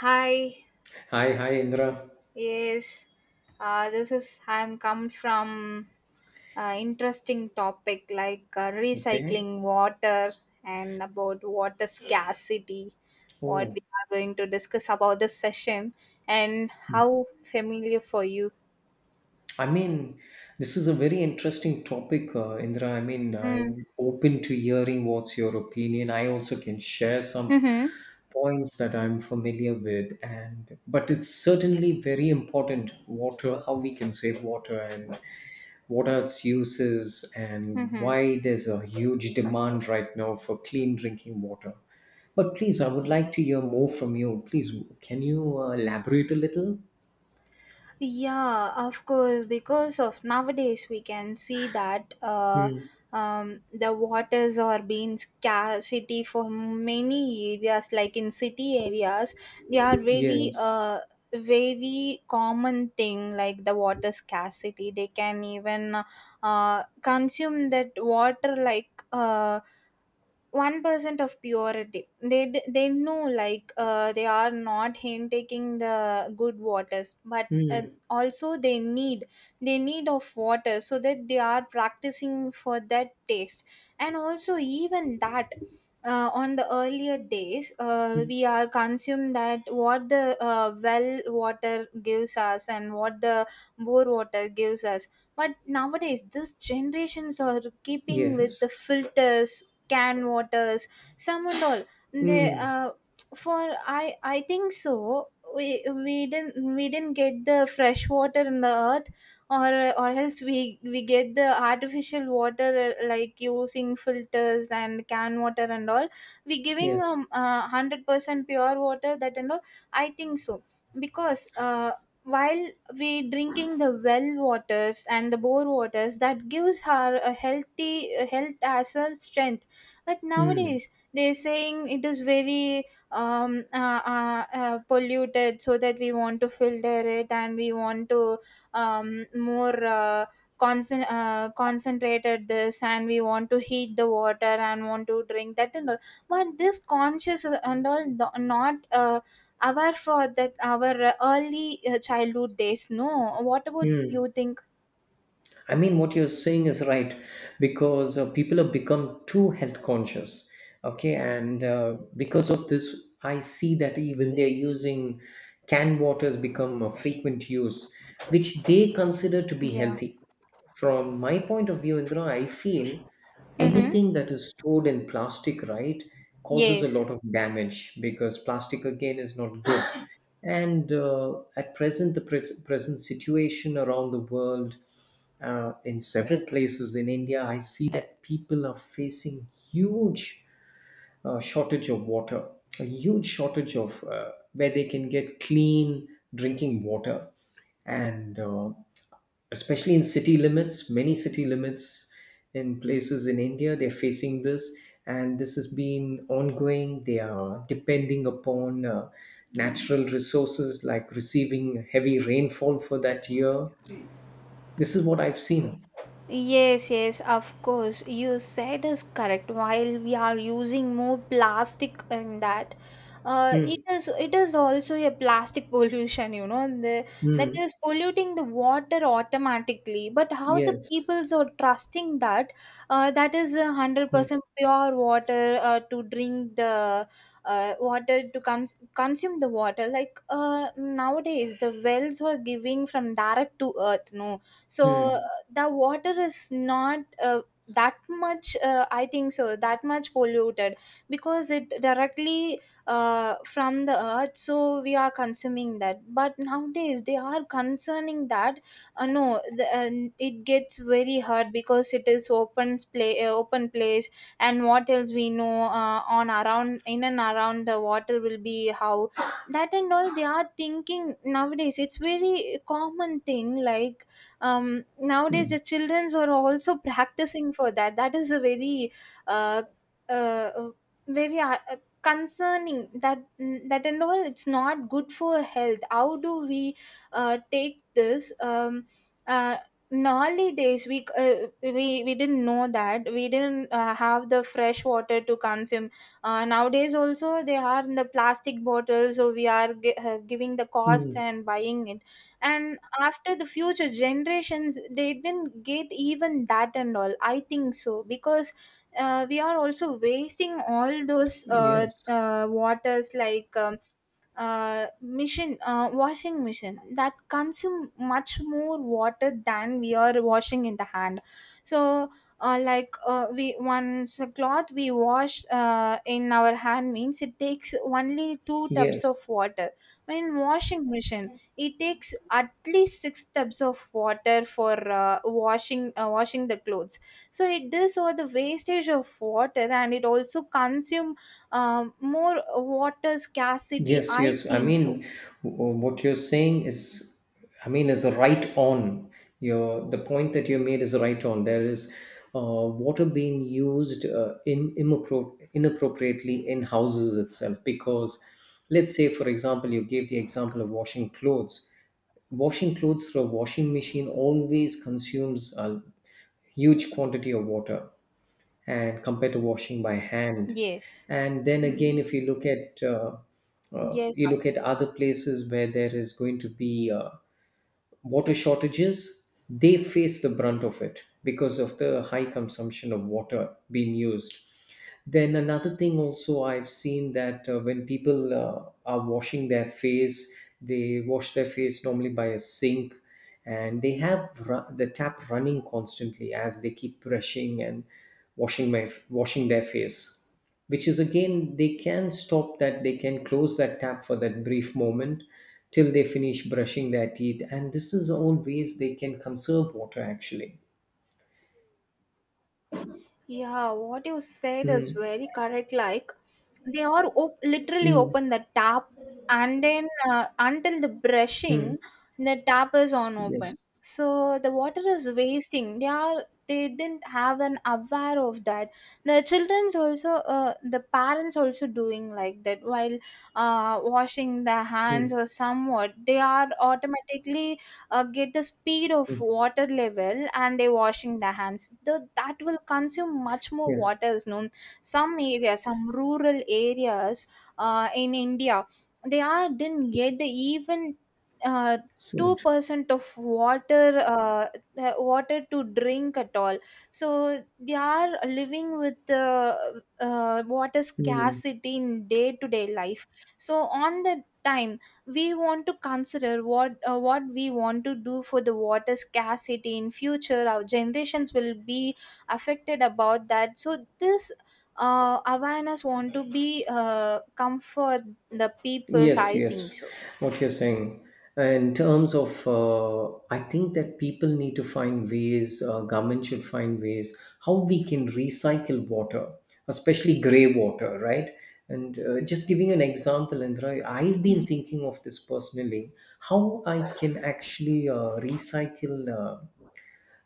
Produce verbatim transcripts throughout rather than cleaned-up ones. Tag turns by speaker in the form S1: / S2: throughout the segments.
S1: Hi,
S2: Hi, hi, Indra.
S1: yes, uh, this is I'm come from uh, interesting topic like uh,
S2: Okay.
S1: recycling water and about water scarcity. What
S2: Oh,
S1: we are going to discuss about this session and how familiar for you.
S2: I mean, this is a very interesting topic, uh, Indra. I mean,
S1: Mm.
S2: I'm open to hearing what's your opinion. I also can share some
S1: Mm-hmm.
S2: points that I'm familiar with, and but it's certainly very important water, how we can save water and what are its uses and
S1: Mm-hmm.
S2: why there's a huge demand right now for clean drinking water. But please, I would like to hear more from you. Please, can you uh, elaborate a little?
S1: Yeah, of course, because of nowadays we can see that uh,
S2: Mm,
S1: um, the waters are being scarcity for many areas, like in city areas, they are very
S2: yes.
S1: uh, very common thing like the water scarcity. They can even uh, consume that water like uh, one percent of purity. They d- they know like uh, they are not taking the good waters, but uh,
S2: Mm,
S1: also they need they need of water so that they are practicing for that taste. And also even that uh, on the earlier days uh,
S2: mm,
S1: we are consumed that what the uh, well water gives us and what the bore water gives us. But nowadays, these generations are keeping with
S2: yes.
S1: the filters canned waters some and all they
S2: Mm,
S1: uh, for i i think so we we didn't we didn't get the fresh water in the earth or or else we we get the artificial water uh, like using filters and can water and all we giving
S2: yes.
S1: um uh, one hundred percent pure water that and all I think so because uh while we drinking the well waters and the bore waters that gives her a healthy a health as a strength but
S2: Mm,
S1: nowadays they're saying it is very um, uh, uh, uh, polluted, so that we want to filter it and we want to um, more uh, concent- uh, concentrated this and we want to heat the water and want to drink that and all. But this conscious and all no- not uh, aware for that our uh, early uh, childhood days. No, what about
S2: mm.
S1: you think?
S2: I mean, what you're saying is right because uh, people have become too health conscious. Okay. And uh, because of this, I see that even they're using canned water has become a frequent use, which they consider to be
S1: Yeah.
S2: healthy. from my point of view, Indra, I feel
S1: Mm-hmm.
S2: anything that is stored in plastic, right, causes a
S1: Yes.
S2: lot of damage because plastic again is not good. And uh, at present, the pre- present situation around the world, uh, in several places in India, I see that people are facing huge uh, shortage of water, a huge shortage of uh, where they can get clean drinking water, and uh, especially in city limits, many city limits in places in India, they're facing this, and this has been ongoing. They are depending upon uh, natural resources like receiving heavy rainfall for that year. This is what I've seen.
S1: Yes, yes, of course. You said is correct. While we are using more plastic in that, uh, it
S2: Mm,
S1: is it is also a plastic pollution. You know, the That
S2: mm,
S1: is polluting the water automatically. But how the
S2: yes.
S1: peoples are trusting that, uh, that is a hundred
S2: Mm,
S1: percent pure water uh, to drink the uh, water to cons- consume the water. Like uh, nowadays, the wells were giving from direct to earth. No, so
S2: mm,
S1: the water is not uh, that much uh, I think so that much polluted because it directly uh, from the earth so we are consuming that but nowadays they are concerning that uh, no the, uh, it gets very hard because it is open play uh, open place and what else we know uh, on around in and around the water will be how that and all they are thinking nowadays it's very common thing like um, nowadays the
S2: mm,
S1: childrens are also practicing for that that is a very uh, uh, very uh, concerning that that and all it's not good for health how do we uh, take this um, uh, in early days we uh, we we didn't know that we didn't uh, have the fresh water to consume uh, nowadays also they are in the plastic bottles so we are gi- uh, giving the cost
S2: mm,
S1: and buying it and after the future generations they didn't get even that and all I think so because uh, we are also wasting all those uh,
S2: yes.
S1: uh, waters like um, uh, machine uh, washing machine that consume much more water than we are washing in the hand so uh, like uh, we once a cloth we wash uh, in our hand means it takes only two tubs
S2: Yes.
S1: of water when washing machine it takes at least six tubs of water for uh, washing uh, washing the clothes so it does all the wastage of water and it also consume um, more water scarcity
S2: Yes,
S1: I
S2: yes. I
S1: think so.
S2: mean, w- what you're saying is, I mean, is right on. Your the point that you made is right on. There is uh, water being used uh, in immapro- inappropriately in houses itself because, let's say, for example, you gave the example of washing clothes. Washing clothes through a washing machine always consumes a huge quantity of water and compared to washing by hand.
S1: Yes.
S2: And then again, if you look at uh, uh,
S1: Yes.
S2: you look at other places where there is going to be uh, water shortages, they face the brunt of it because of the high consumption of water being used. Then another thing also I've seen that uh, when people uh, are washing their face, they wash their face normally by a sink and they have ru- the tap running constantly as they keep brushing and washing my washing their face, which is again they can stop that, they can close that tap for that brief moment till they finish brushing their teeth. And this is all ways they can conserve water actually.
S1: Yeah, what you said is
S2: Mm,
S1: very correct like they are op- literally
S2: mm,
S1: open the tap and then uh, until the
S2: mm,
S1: brushing the tap is on
S2: yes.
S1: open so the water is wasting they are they didn't have an aware of that the children's also uh, the parents also doing like that while uh, washing their hands
S2: Mm,
S1: or somewhat they are automatically uh, get the speed of
S2: mm,
S1: water level and they're washing their hands the, that will consume much more
S2: yes.
S1: waters no some areas some rural areas uh, in India they are didn't get the even uh,
S2: So,
S1: two percent of water uh, uh, water to drink at all so they are living with the uh, water
S2: mm.
S1: scarcity in day to day life so on the time we want to consider what uh, what we want to do for the water scarcity in future our generations will be affected about that so this uh, awareness want to be uh, come for the peoples
S2: Yes,
S1: I think
S2: yes,
S1: so.
S2: what you're saying. In terms of, uh, I think that people need to find ways, uh, government should find ways how we can recycle water, especially grey water, right? And uh, just giving an example, Indra, I've been thinking of this personally how I can actually uh, recycle uh,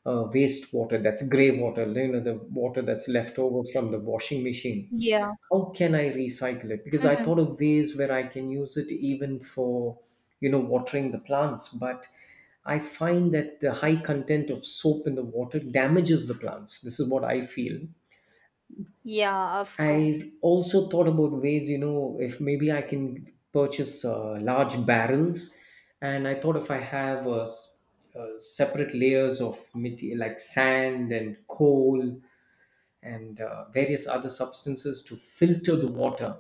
S2: uh, wastewater that's grey water, you know, the water that's left over from the washing machine.
S1: Yeah.
S2: How can I recycle it? Because I
S1: Hmm.
S2: thought of ways where I can use it even for, you know, watering the plants. But I find that the high content of soap in the water damages the plants. This is what I feel.
S1: Yeah, of course.
S2: I also thought about ways, you know, if maybe I can purchase uh, large barrels. And I thought if I have uh, s- uh, separate layers of material like sand and coal and uh, various other substances to filter the water,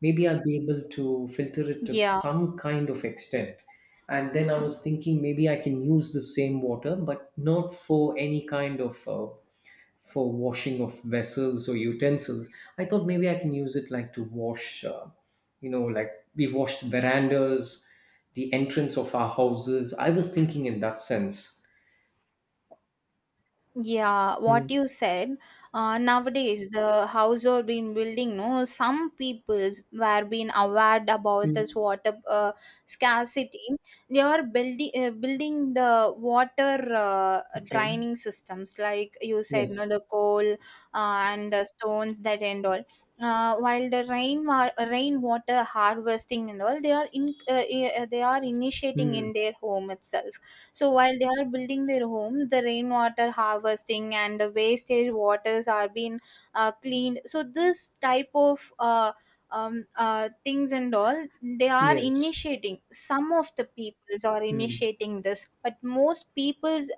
S2: maybe I'll be able to filter it to
S1: Yeah.
S2: some kind of extent. And then I was thinking maybe I can use the same water, but not for any kind of uh, for washing of vessels or utensils. I thought maybe I can use it like to wash, uh, you know, like we washed verandas, the entrance of our houses. I was thinking in that sense.
S1: Yeah, what
S2: Mm,
S1: you said. Uh, nowadays, the household been building. No, some peoples were being aware about this
S2: mm,
S1: water uh, scarcity. They are building uh, building the water uh,
S2: okay.
S1: draining systems, like you said, no,
S2: Yes.
S1: the coal uh, and the stones that and all. Uh, while the rain wa- rainwater harvesting and all, they are in uh, uh, they are initiating
S2: Mm,
S1: in their home itself so while they are building their homes, the rainwater harvesting and the wastage waters are being uh, cleaned. So this type of uh, um, uh, things and all they are
S2: yes.
S1: initiating. Some of the peoples are
S2: Mm.
S1: initiating this, but most peoples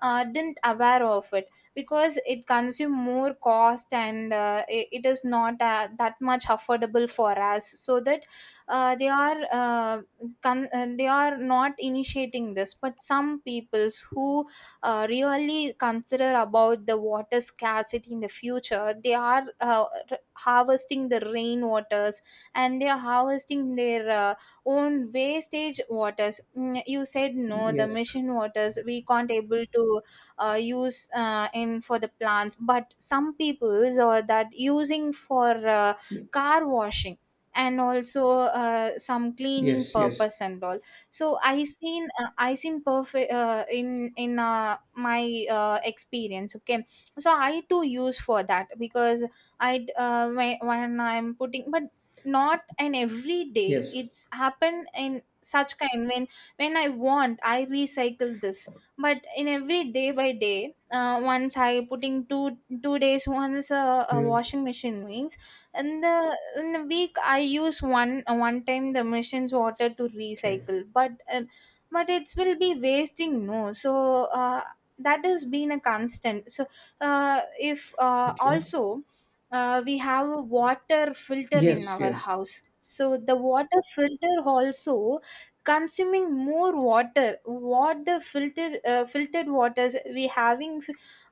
S1: uh, didn't aware of it because it consume more cost and uh, it, it is not uh, that much affordable for us. So that uh, they are. Uh, con- uh, they are not initiating this but some peoples who uh, really consider about the water scarcity in the future they are uh, r- harvesting the rainwaters and they are harvesting their uh, own wastage waters. Mm, you said no the
S2: Yes.
S1: mission waters we can't able to uh, use uh, in for the plants but some peoples are that using for uh,
S2: Y-
S1: car washing and also uh, some cleaning
S2: Yes, yes,
S1: purpose and all so i seen uh, I seen perfect uh, in in uh, my uh, experience okay so I too use for that because i uh, when, when I'm putting but not an every day
S2: yes.
S1: it's happened in such kind when when I want I recycle this but in every day by day uh, once I putting two two days once a, a
S2: Mm,
S1: washing machine means in the in a week I use one uh, one time the machine's water to
S2: okay.
S1: recycle but uh, but it will be wasting no so uh, that has been a constant so uh, if uh,
S2: Okay.
S1: also uh, we have a water filter in
S2: Yes,
S1: our
S2: yes.
S1: house so the water filter also consuming more water what the filter uh, filtered waters we having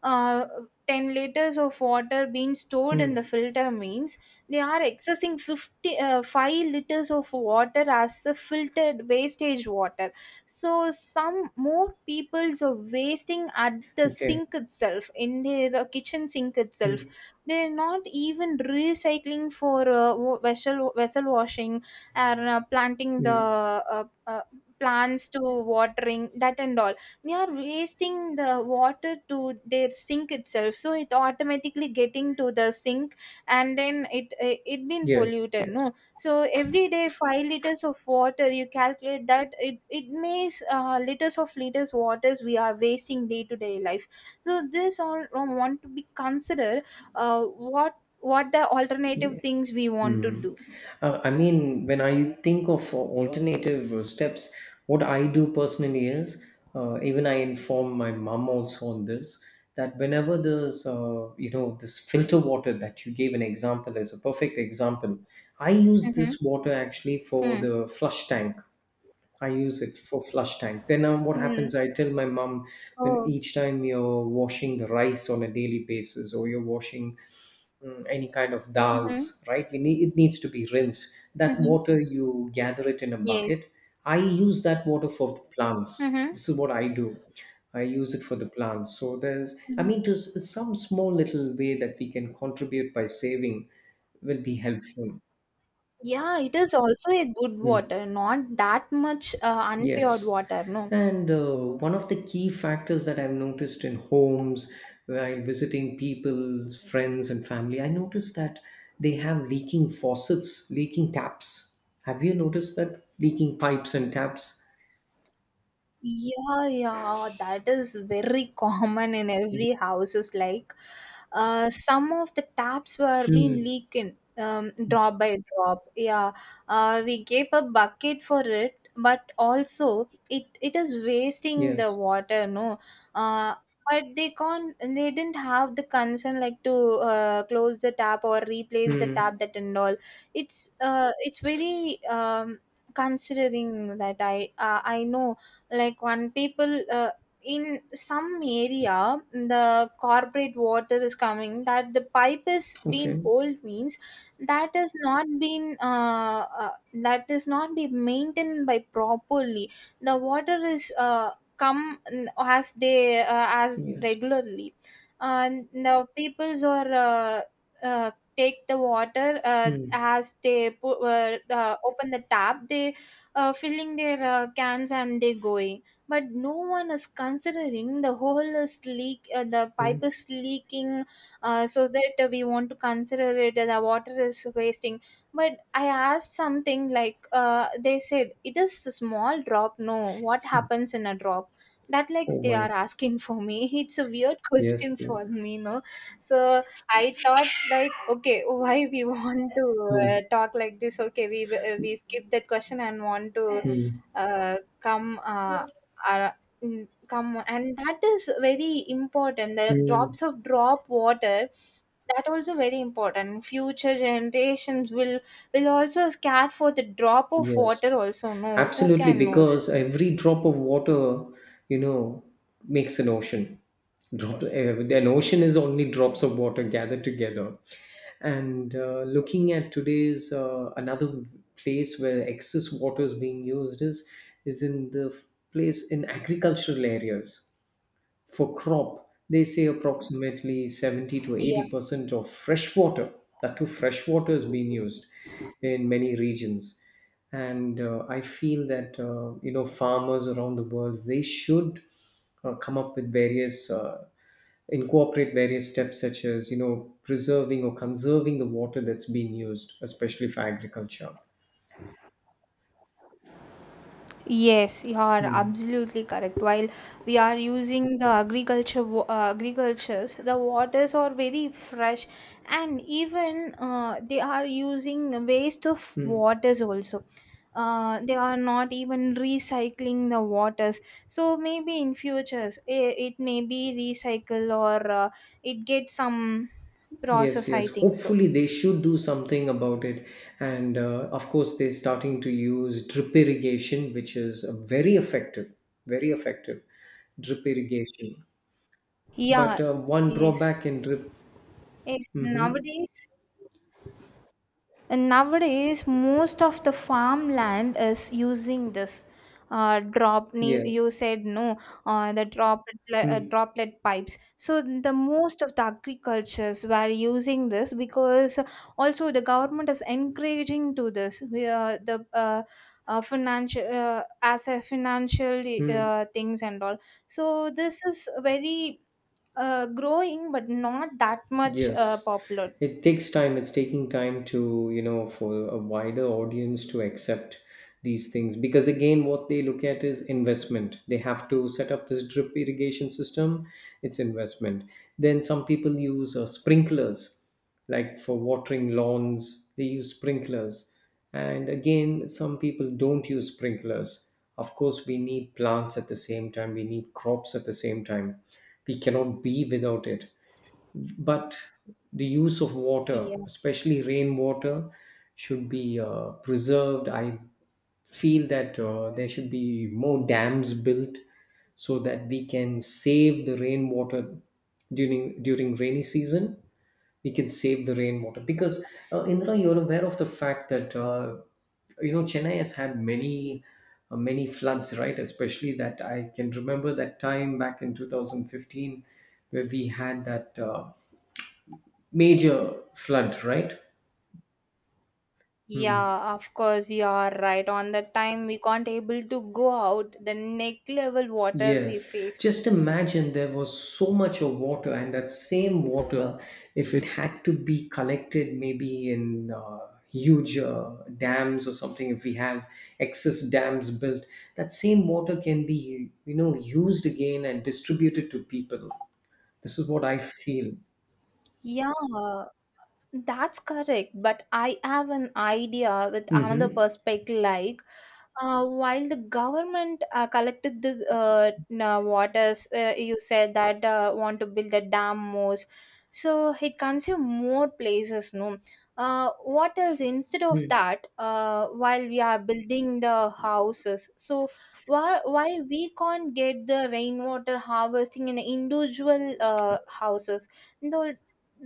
S1: uh, ten liters of water being stored in the
S2: Mm,
S1: filter means they are accessing fifty, uh, five liters of water as a filtered wastage water. So some more peoples are wasting at the
S2: okay.
S1: sink itself, in their uh, kitchen sink itself.
S2: Mm,
S1: They're not even recycling for uh, wa- vessel, vessel washing and uh, planting the
S2: mm,
S1: uh, uh, plants to watering that and all they are wasting the water to their sink itself so it automatically getting to the sink and then it it, it been
S2: yes,
S1: polluted
S2: yes.
S1: no so every day five liters of water you calculate that it it means uh, liters of liters waters we are wasting day to day life so this all uh, want to be consider uh, what what the alternative
S2: Yeah.
S1: things we want to
S2: Mm.
S1: do.
S2: Uh, I mean, when I think of uh, alternative uh, steps, what I do personally is, uh, even I inform my mom also on this, that whenever there's, uh, you know, this filter water that you gave an example as a perfect example, I use
S1: Mm-hmm.
S2: this water actually for the flush tank. I use it for flush tank. Then uh, what
S1: Mm-hmm.
S2: happens? I tell my mom when
S1: Oh.
S2: each time you're washing the rice on a daily basis, or you're washing mm, any kind of
S1: Mm-hmm.
S2: dals, right? You need it needs to be rinsed. That
S1: Mm-hmm.
S2: water you gather it in a
S1: Yes.
S2: bucket. I use that water for the plants.
S1: Mm-hmm.
S2: This is what I do. I use it for the plants. So there's, I
S1: Mm-hmm.
S2: mean, there's it's some small little way that we can contribute by saving will be helpful.
S1: Yeah, it is also a good
S2: Hmm.
S1: water not that much uh, unpure
S2: Yes.
S1: water no.
S2: And uh, one of the key factors that I've noticed in homes while visiting people, friends, and family, I noticed that they have leaking faucets, leaking taps. Have you noticed that? Leaking pipes and taps.
S1: Yeah, yeah, that is very common in every houses. Like, uh, some of the taps were being
S2: Yes.
S1: leaking, um, drop by drop. Yeah, uh, we gave a bucket for it, but also it it is wasting the
S2: Yes.
S1: water. No, uh, but they can't. They didn't have the concern like to uh, close the tap or replace the
S2: Hmm.
S1: tap that and all. It's uh, it's very um considering that I uh, I know like when people uh, in some area the corporate water is coming that the pipe is being
S2: Okay.
S1: old means that is not been uh, uh, that is not be maintained by properly the water is uh, come mm, as they uh, as
S2: Yes.
S1: regularly and the peoples are uh, uh, take the water uh,
S2: Hmm.
S1: as they put, uh, uh, open the tap they uh, filling their uh, cans and they're going but no one is considering the whole is leak uh, the pipe
S2: Hmm.
S1: is leaking uh, so that uh, we want to consider it uh, the water is wasting but I asked something like uh, they said it is a small drop no what happens in a drop that like
S2: Oh
S1: they are
S2: my.
S1: asking for me it's a weird
S2: Yes.
S1: question for
S2: Yes.
S1: me no so I thought like, okay, why we want to
S2: Hmm.
S1: uh, talk like this? Okay, we uh, we skip that question and want to
S2: Hmm.
S1: uh, come uh, uh, mm, come and that is very important. The
S2: Hmm.
S1: drops of drop water, that also very important. Future generations will will also scared for the drop of water.
S2: Yes,
S1: Also, no, who
S2: absolutely.
S1: can knows?
S2: Because every drop of water, you know, makes an ocean. Drop, uh, an ocean is only drops of water gathered together. And uh, looking at today's uh, another place where excess water is being used is is in the f- place in agricultural areas for crop, they say approximately seventy to eighty percent of fresh water, that too fresh water, is being used in many regions. And uh, I feel that uh, you know farmers around the world they should uh, come up with various uh, incorporate various steps such as you know preserving or conserving the water that's being used, especially for agriculture.
S1: Yes, you are
S2: Hmm.
S1: absolutely correct. While we are using the agriculture wa- uh, agricultures, the waters are very fresh, and even uh, they are using waste of
S2: Hmm.
S1: waters also. Uh, they are not even recycling the waters. So maybe in futures it, it may be recycle or uh, it gets some
S2: Yes,
S1: process.
S2: yes.
S1: I think so.
S2: Hopefully, they should do something about it. And uh, of course, they're starting to use drip irrigation, which is uh, very effective, very effective drip irrigation.
S1: Yeah.
S2: But uh, one
S1: Yes.
S2: drawback in drip,
S1: Yes.
S2: hmm,
S1: Nowadays. And nowadays, most of the farmland is using this, uh, drop. ne- you
S2: yes.
S1: said no, uh, the droplet li- uh, droplet pipes. So the most of the agricultures were using this because also the government is encouraging to this. We, uh, the uh, uh, financial uh, As a financial
S2: Mm-hmm.
S1: uh, things and all. So this is very uh, growing, but not that much uh,
S2: Yes,
S1: popular.
S2: it takes time. It's taking time to, you know, for a wider audience to accept these things because, again, what they look at is investment. They have to set up this drip irrigation system, it's investment. Then some people use uh, sprinklers, like for watering lawns, they use sprinklers. And again, some people don't use sprinklers. Of course, we need plants at the same time, we need crops at the same time. We cannot be without it, but the use of water, especially rainwater, should be uh, preserved. I feel that uh, there should be more dams built so that we can save the rainwater, during during rainy season we can save the rainwater, because uh, indra, you're aware of the fact that uh, you know chennai has had many uh, many floods, right? Especially that i can remember that time back in two thousand fifteen, where we had that uh, major flood, right? Hmm.
S1: Yeah, of course you are right. On that time we can't able to go out. The neck level water we
S2: Yes.
S1: faced.
S2: Just imagine there was so much of water, and that same water, if it had to be collected maybe in uh, huge uh, dams or something, if we have excess dams built, that same water can be, you know, used again and distributed to people. This is what I feel.
S1: Yeah, that's correct. But I have an idea with another
S2: Hmm.
S1: perspective, like uh, while the government uh, collected the uh, na- waters, uh, you said that uh, want to build the dam more, so it consume more places. No, uh, what else? Instead of that, uh, while we are building the houses, so why why we can't get the rainwater harvesting in individual uh, houses?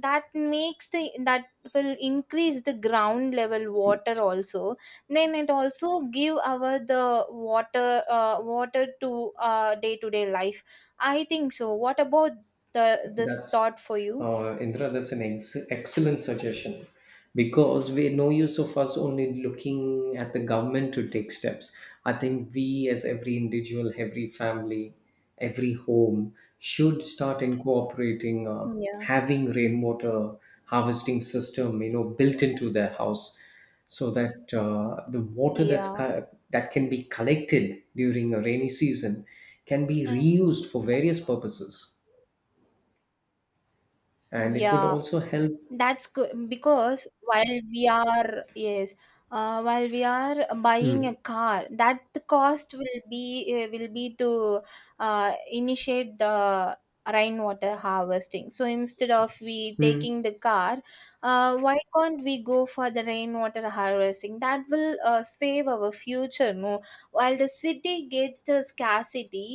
S1: That makes the, that will increase the ground level water also. Then it also give our the water uh, water to uh, day-to-day life. I think so. What about the this
S2: That's
S1: thought for you?
S2: uh, Indra. That's an ex- excellent suggestion because we no use of us only looking at the government to take steps. I think we, as every individual, every family, every home, should start incorporating uh,
S1: Yeah.
S2: having rainwater harvesting system, you know, built into their house, so that uh, the water that's
S1: Yeah.
S2: co- that can be collected during a rainy season can be
S1: Mm.
S2: reused for various purposes. And it would
S1: Yeah.
S2: also help.
S1: That's good because while we are yes, uh, while we are buying a
S2: Mm,
S1: car, that cost will be uh, will be to uh, initiate the rainwater harvesting. So instead of we
S2: mm,
S1: taking the car, uh, why can't we go for the rainwater harvesting? That will uh, save our future. No, while the city gets the scarcity,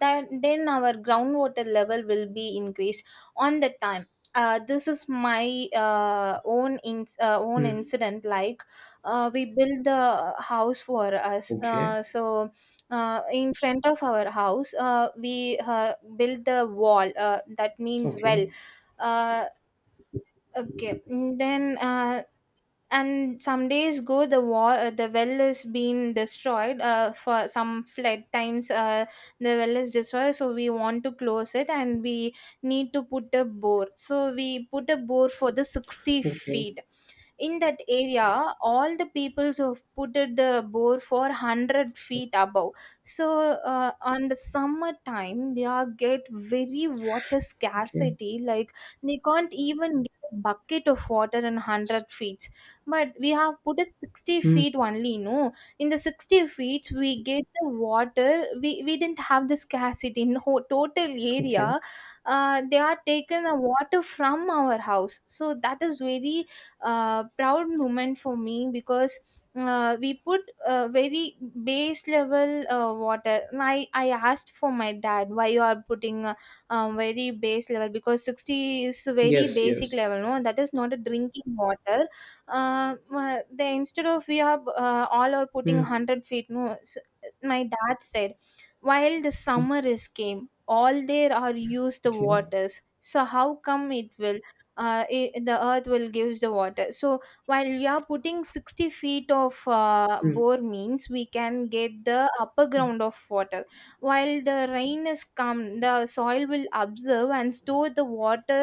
S1: that then our groundwater level will be increased on the time. Uh, this is my uh, own in, uh, own
S2: mm.
S1: incident, like uh, we built the house for us,
S2: Okay,
S1: uh, so uh, in front of our house, uh, we uh, built the wall, uh, that means
S2: okay,
S1: well. uh, okay, mm, then, uh, and some days go the wall, uh, the well is being destroyed uh, for some flood times, uh, the well is destroyed, so we want to close it and we need to put a bore, so we put a bore for the sixty
S2: okay,
S1: feet. In that area all the peoples have put it the bore for one hundred feet above. So uh, on the summer time they are get very water
S2: okay.
S1: scarcity, like they can't even get a bucket of water in
S2: S-
S1: one hundred feet. But we have put it sixty
S2: Mm,
S1: feet only, no. In the sixty feet we get the water, we, we didn't have the scarcity in whole total
S2: okay.
S1: area. Uh, they are taken the water from our house, so that is very uh, proud moment for me. Because uh, we put uh, very base level uh, water. I, I asked for my dad, why you are putting uh, um, very base level, because sixty is very
S2: Yes,
S1: basic
S2: yes.
S1: level, no, that is not a drinking water. Uh, uh, they, instead of we are, uh, all are putting
S2: Mm,
S1: one hundred feet, no. S— my dad said, while the summer is came all there are used the
S2: okay,
S1: waters, so how come it will, uh, I the earth will gives the water. So while we are putting sixty feet of uh,
S2: mm,
S1: bore means we can get the upper ground of water. While the rain is come, the soil will observe and store the water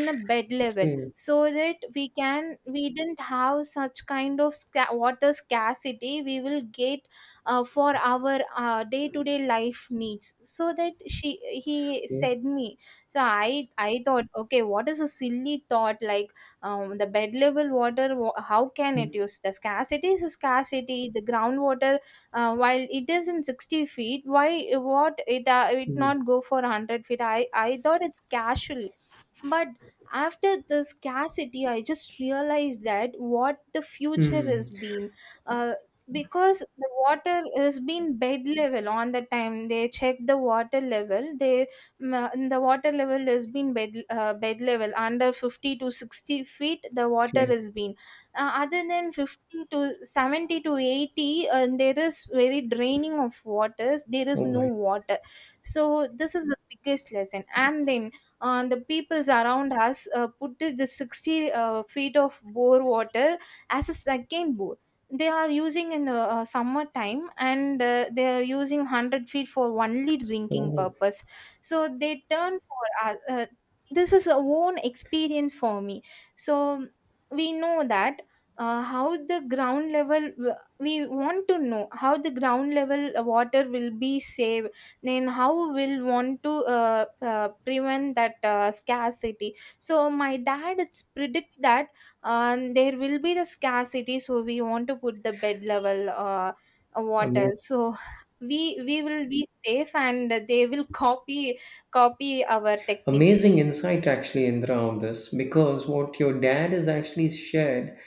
S1: in a bed level,
S2: okay,
S1: so that we can we didn't have such kind of sca- water scarcity we will get uh, for our uh, day-to-day life needs. So that she he
S2: okay.
S1: said me. So i i thought, okay, what is a silly thought, like um, the bed level water, wa- how can it
S2: Mm,
S1: use, the scarcity is a scarcity, the groundwater. Uh, while it is in sixty feet, why what it uh, it
S2: mm,
S1: not go for a hundred feet, i i thought it's casually. But after the scarcity I just realized that what the future has
S2: mm.
S1: been. uh, because the water has been bed level, on the time they check the water level, they Ma- the water level has been bed, uh, bed level, under fifty to sixty feet the water
S2: Okay.
S1: has been. Uh, other than fifty to seventy to eighty, uh, there is very draining of waters, there is
S2: Oh
S1: no
S2: my.
S1: water. So this is the biggest lesson, and then uh, the peoples around us uh, put the the sixty uh, feet of bore water as a second bore. They are using in the uh, summer time and uh, they are using one hundred feet for only drinking
S2: Oh,
S1: purpose. So they turn for us, uh, this is a own experience for me. So we know that, uh, how the ground level w- we want to know how the ground level uh, water will be saved. Then how will want to uh, uh, prevent that uh, scarcity. So my dad it's predict that, um, there will be the scarcity, so we want to put the bed level uh, uh, water.
S2: amazing.
S1: So we we will be safe, and they will copy copy our techniques
S2: Amazing
S1: too.
S2: insight, actually, Indra, on this because what your dad has actually shared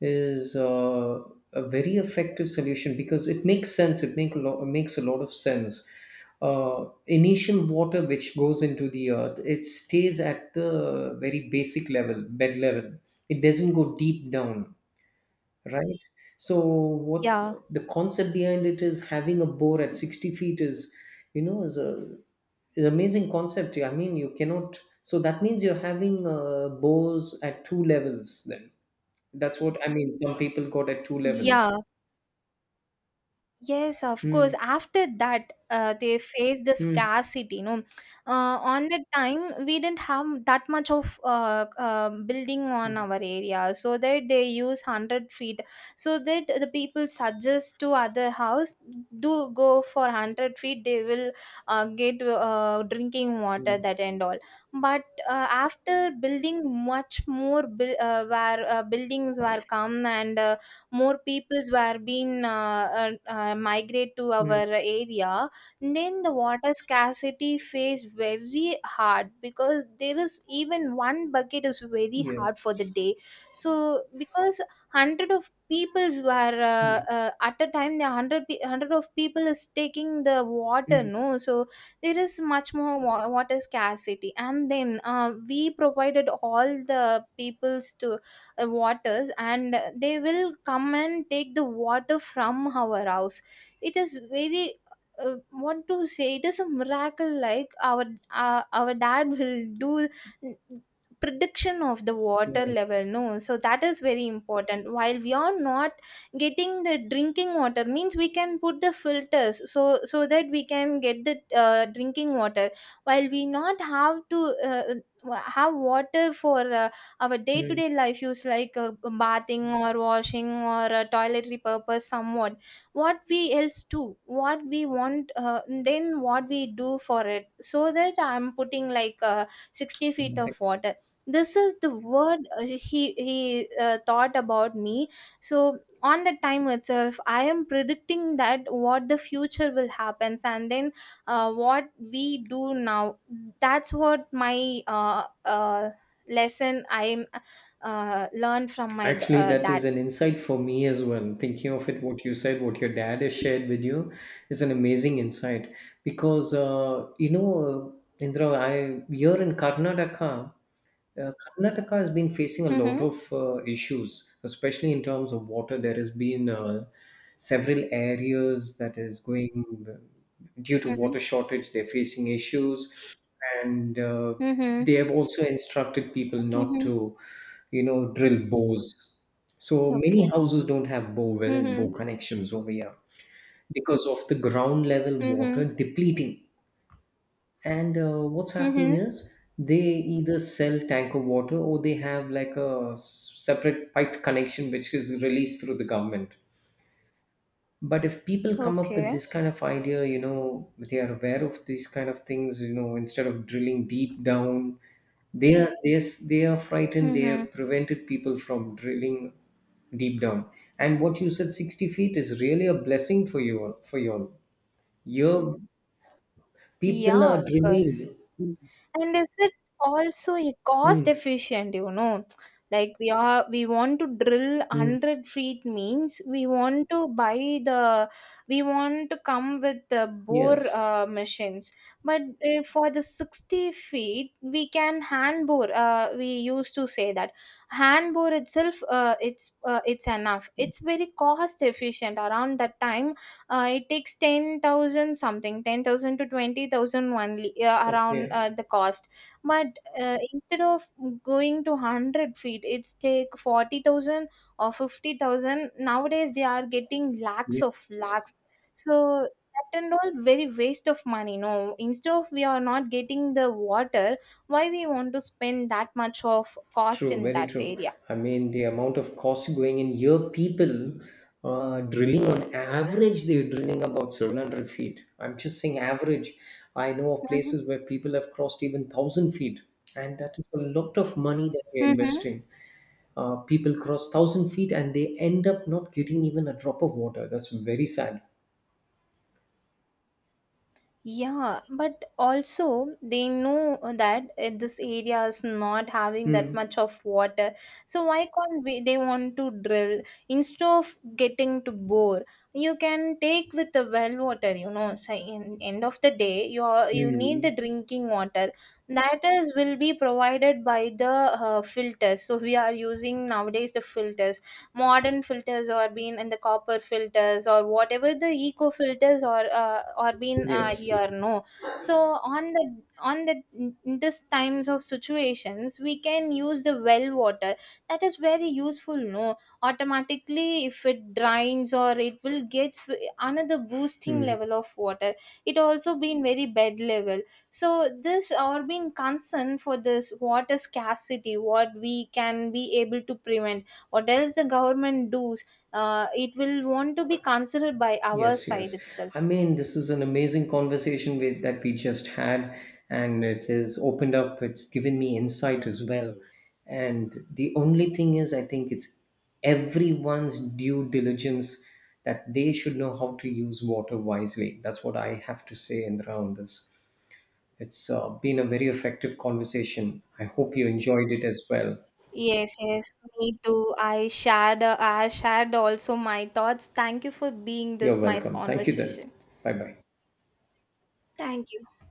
S2: is uh, a very effective solution because it makes sense. It make a lot, makes a lot of sense. Uh, initial water which goes into the earth, it stays at the very basic level, bed level. It doesn't go deep down, right? So
S1: Yeah.
S2: what the concept behind it is, having a bore at sixty feet is, you know, is a is amazing concept. Yeah, I mean, you cannot. So that means you're having uh, bores at two levels. Then that's what I mean. Some people got at two
S1: Yeah.
S2: levels.
S1: Yes, of course.
S2: Mm,
S1: After that, uh, they faced the
S2: mm,
S1: scarcity, no. Uh, on the time we didn't have that much of uh, uh, building
S2: yeah,
S1: on our area, so that they use hundred feet, so that the people suggest to other house, do go for hundred feet. They will uh, get uh, drinking water,
S2: mm,
S1: that and all. But uh, after building much more, buil- uh, where uh, buildings were come and. Uh, more peoples were being uh, uh, uh, migrate to our
S2: mm,
S1: area, then the water scarcity phase very hard because there is even one bucket is very hard for the
S2: yes.
S1: day. So because hundred of peoples were, uh,
S2: Mm,
S1: uh, at a time the hundred pe- hundred of people is taking the water,
S2: mm,
S1: no. So there is much more wa- water scarcity, and then uh, we provided all the peoples to uh, waters, and they will come and take the water from our house. It is very, uh, want to say, it is a miracle, like our uh, our dad will do prediction of the water level, no. So that is very important, while we are not getting the drinking water means we can put the filters, so so that we can get the uh, drinking water. While we not have to uh, uh, have water for uh, our
S2: yeah,
S1: day-to-day life use, like uh, bathing or washing or uh, toiletry purpose, somewhat what we else do, what we want, uh, then what we do for it. So that I'm putting like uh, sixty feet
S2: mm.
S1: of water. This is the word uh, he he uh, thought about me. So on the time itself I am predicting that what the future will happen. And then, uh, what we do now, that's what my uh, uh, lesson I uh, learned from my d-
S2: Actually,
S1: uh,
S2: that is
S1: dad.
S2: an insight for me as well. Thinking of it, what you said, what your dad has shared with you, is an amazing insight. Because uh, you know, uh, Indra, I here in Karnataka, uh, Karnataka has been facing a lot
S1: Mm-hmm.
S2: of uh, issues, especially in terms of water. There has been uh, several areas that is going uh, due to
S1: Mm-hmm.
S2: water shortage. They're facing issues, and uh,
S1: Mm-hmm.
S2: they have also instructed people not
S1: Mm-hmm.
S2: to, you know, drill bores. So
S1: Okay.
S2: many houses don't have bore well,
S1: Mm-hmm.
S2: bore connections over here because of the ground level
S1: Mm-hmm.
S2: water depleting. And uh, what's happening
S1: Mm-hmm.
S2: is they either sell tank of water or they have like a s- separate pipe connection which is released through the government. But if people come up with
S1: Okay.
S2: this kind of idea, you know they are aware of these kind of things, you know instead of drilling deep down, they are they are, they are frightened. They
S1: Mm-hmm.
S2: have prevented people from drilling deep down. And what you said, sixty feet is really a blessing for you, for you all. Your people
S1: Yeah,
S2: are
S1: of
S2: drilling.
S1: course. And is it also e- cost
S2: Hmm,
S1: efficient, you know? Like we are we want to drill
S2: hmm.
S1: a hundred feet means we want to buy the we want to come with the bore
S2: Yes.
S1: uh, machines. But uh, for the sixty feet we can hand bore, uh, we used to say that hand bore itself, uh, it's uh, it's enough. It's very cost efficient around that time, uh, it takes ten thousand something ten thousand to twenty thousand only, uh, around
S2: Okay.
S1: uh, the cost. But uh, instead of going to one hundred feet, it's take forty thousand or fifty thousand, nowadays they are getting lakhs
S2: Yes.
S1: of lakhs. So that and all very waste of money, no, instead of we are not getting the water, why we want to spend that much of cost
S2: True.
S1: in
S2: Very
S1: that
S2: true.
S1: area.
S2: I mean, the amount of cost going in here, people uh, drilling on average, they're drilling about seven hundred feet. I'm just saying average. I know of places where people have crossed even one thousand feet, and that is a lot of money that they're
S1: Mm-hmm.
S2: investing. Uh, people cross one thousand feet and they end up not getting even a drop of water. That's very sad.
S1: Yeah, but also they know that, uh, this area is not having that
S2: Hmm.
S1: much of water. So why can't we, they want to drill instead of getting to bore? You can take with the well water. You know. So in end of the day, you are, you need the
S2: Hmm.
S1: drinking water, that is will be provided by the uh, filters. So we are using nowadays the filters, modern filters or been in the copper filters or whatever the eco filters or uh, or been uh,
S2: Yes.
S1: here, no. So on the on the in this times of situations we can use the well water, that is very useful, no. Automatically if it drains, or it will get another boosting
S2: Hmm.
S1: level of water, it also been very bed level. So this or being concerned for this water scarcity, what we can be able to prevent, what else the government does, uh, it will want to be considered by our
S2: Yes,
S1: side
S2: yes. I
S1: itself.
S2: mean, this is an amazing conversation with, that we just had, and it has opened up, it's given me insight as well. And the only thing is, I think it's everyone's due diligence that they should know how to use water wisely. That's what I have to say in around this. It's uh, been a very effective conversation. I hope you enjoyed it as well.
S1: Yes, yes, me too, i shared uh, i shared also my thoughts. Thank you for being
S2: You're
S1: this nice
S2: welcome. Thank you then.
S1: conversation.
S2: Bye bye.
S1: Thank you.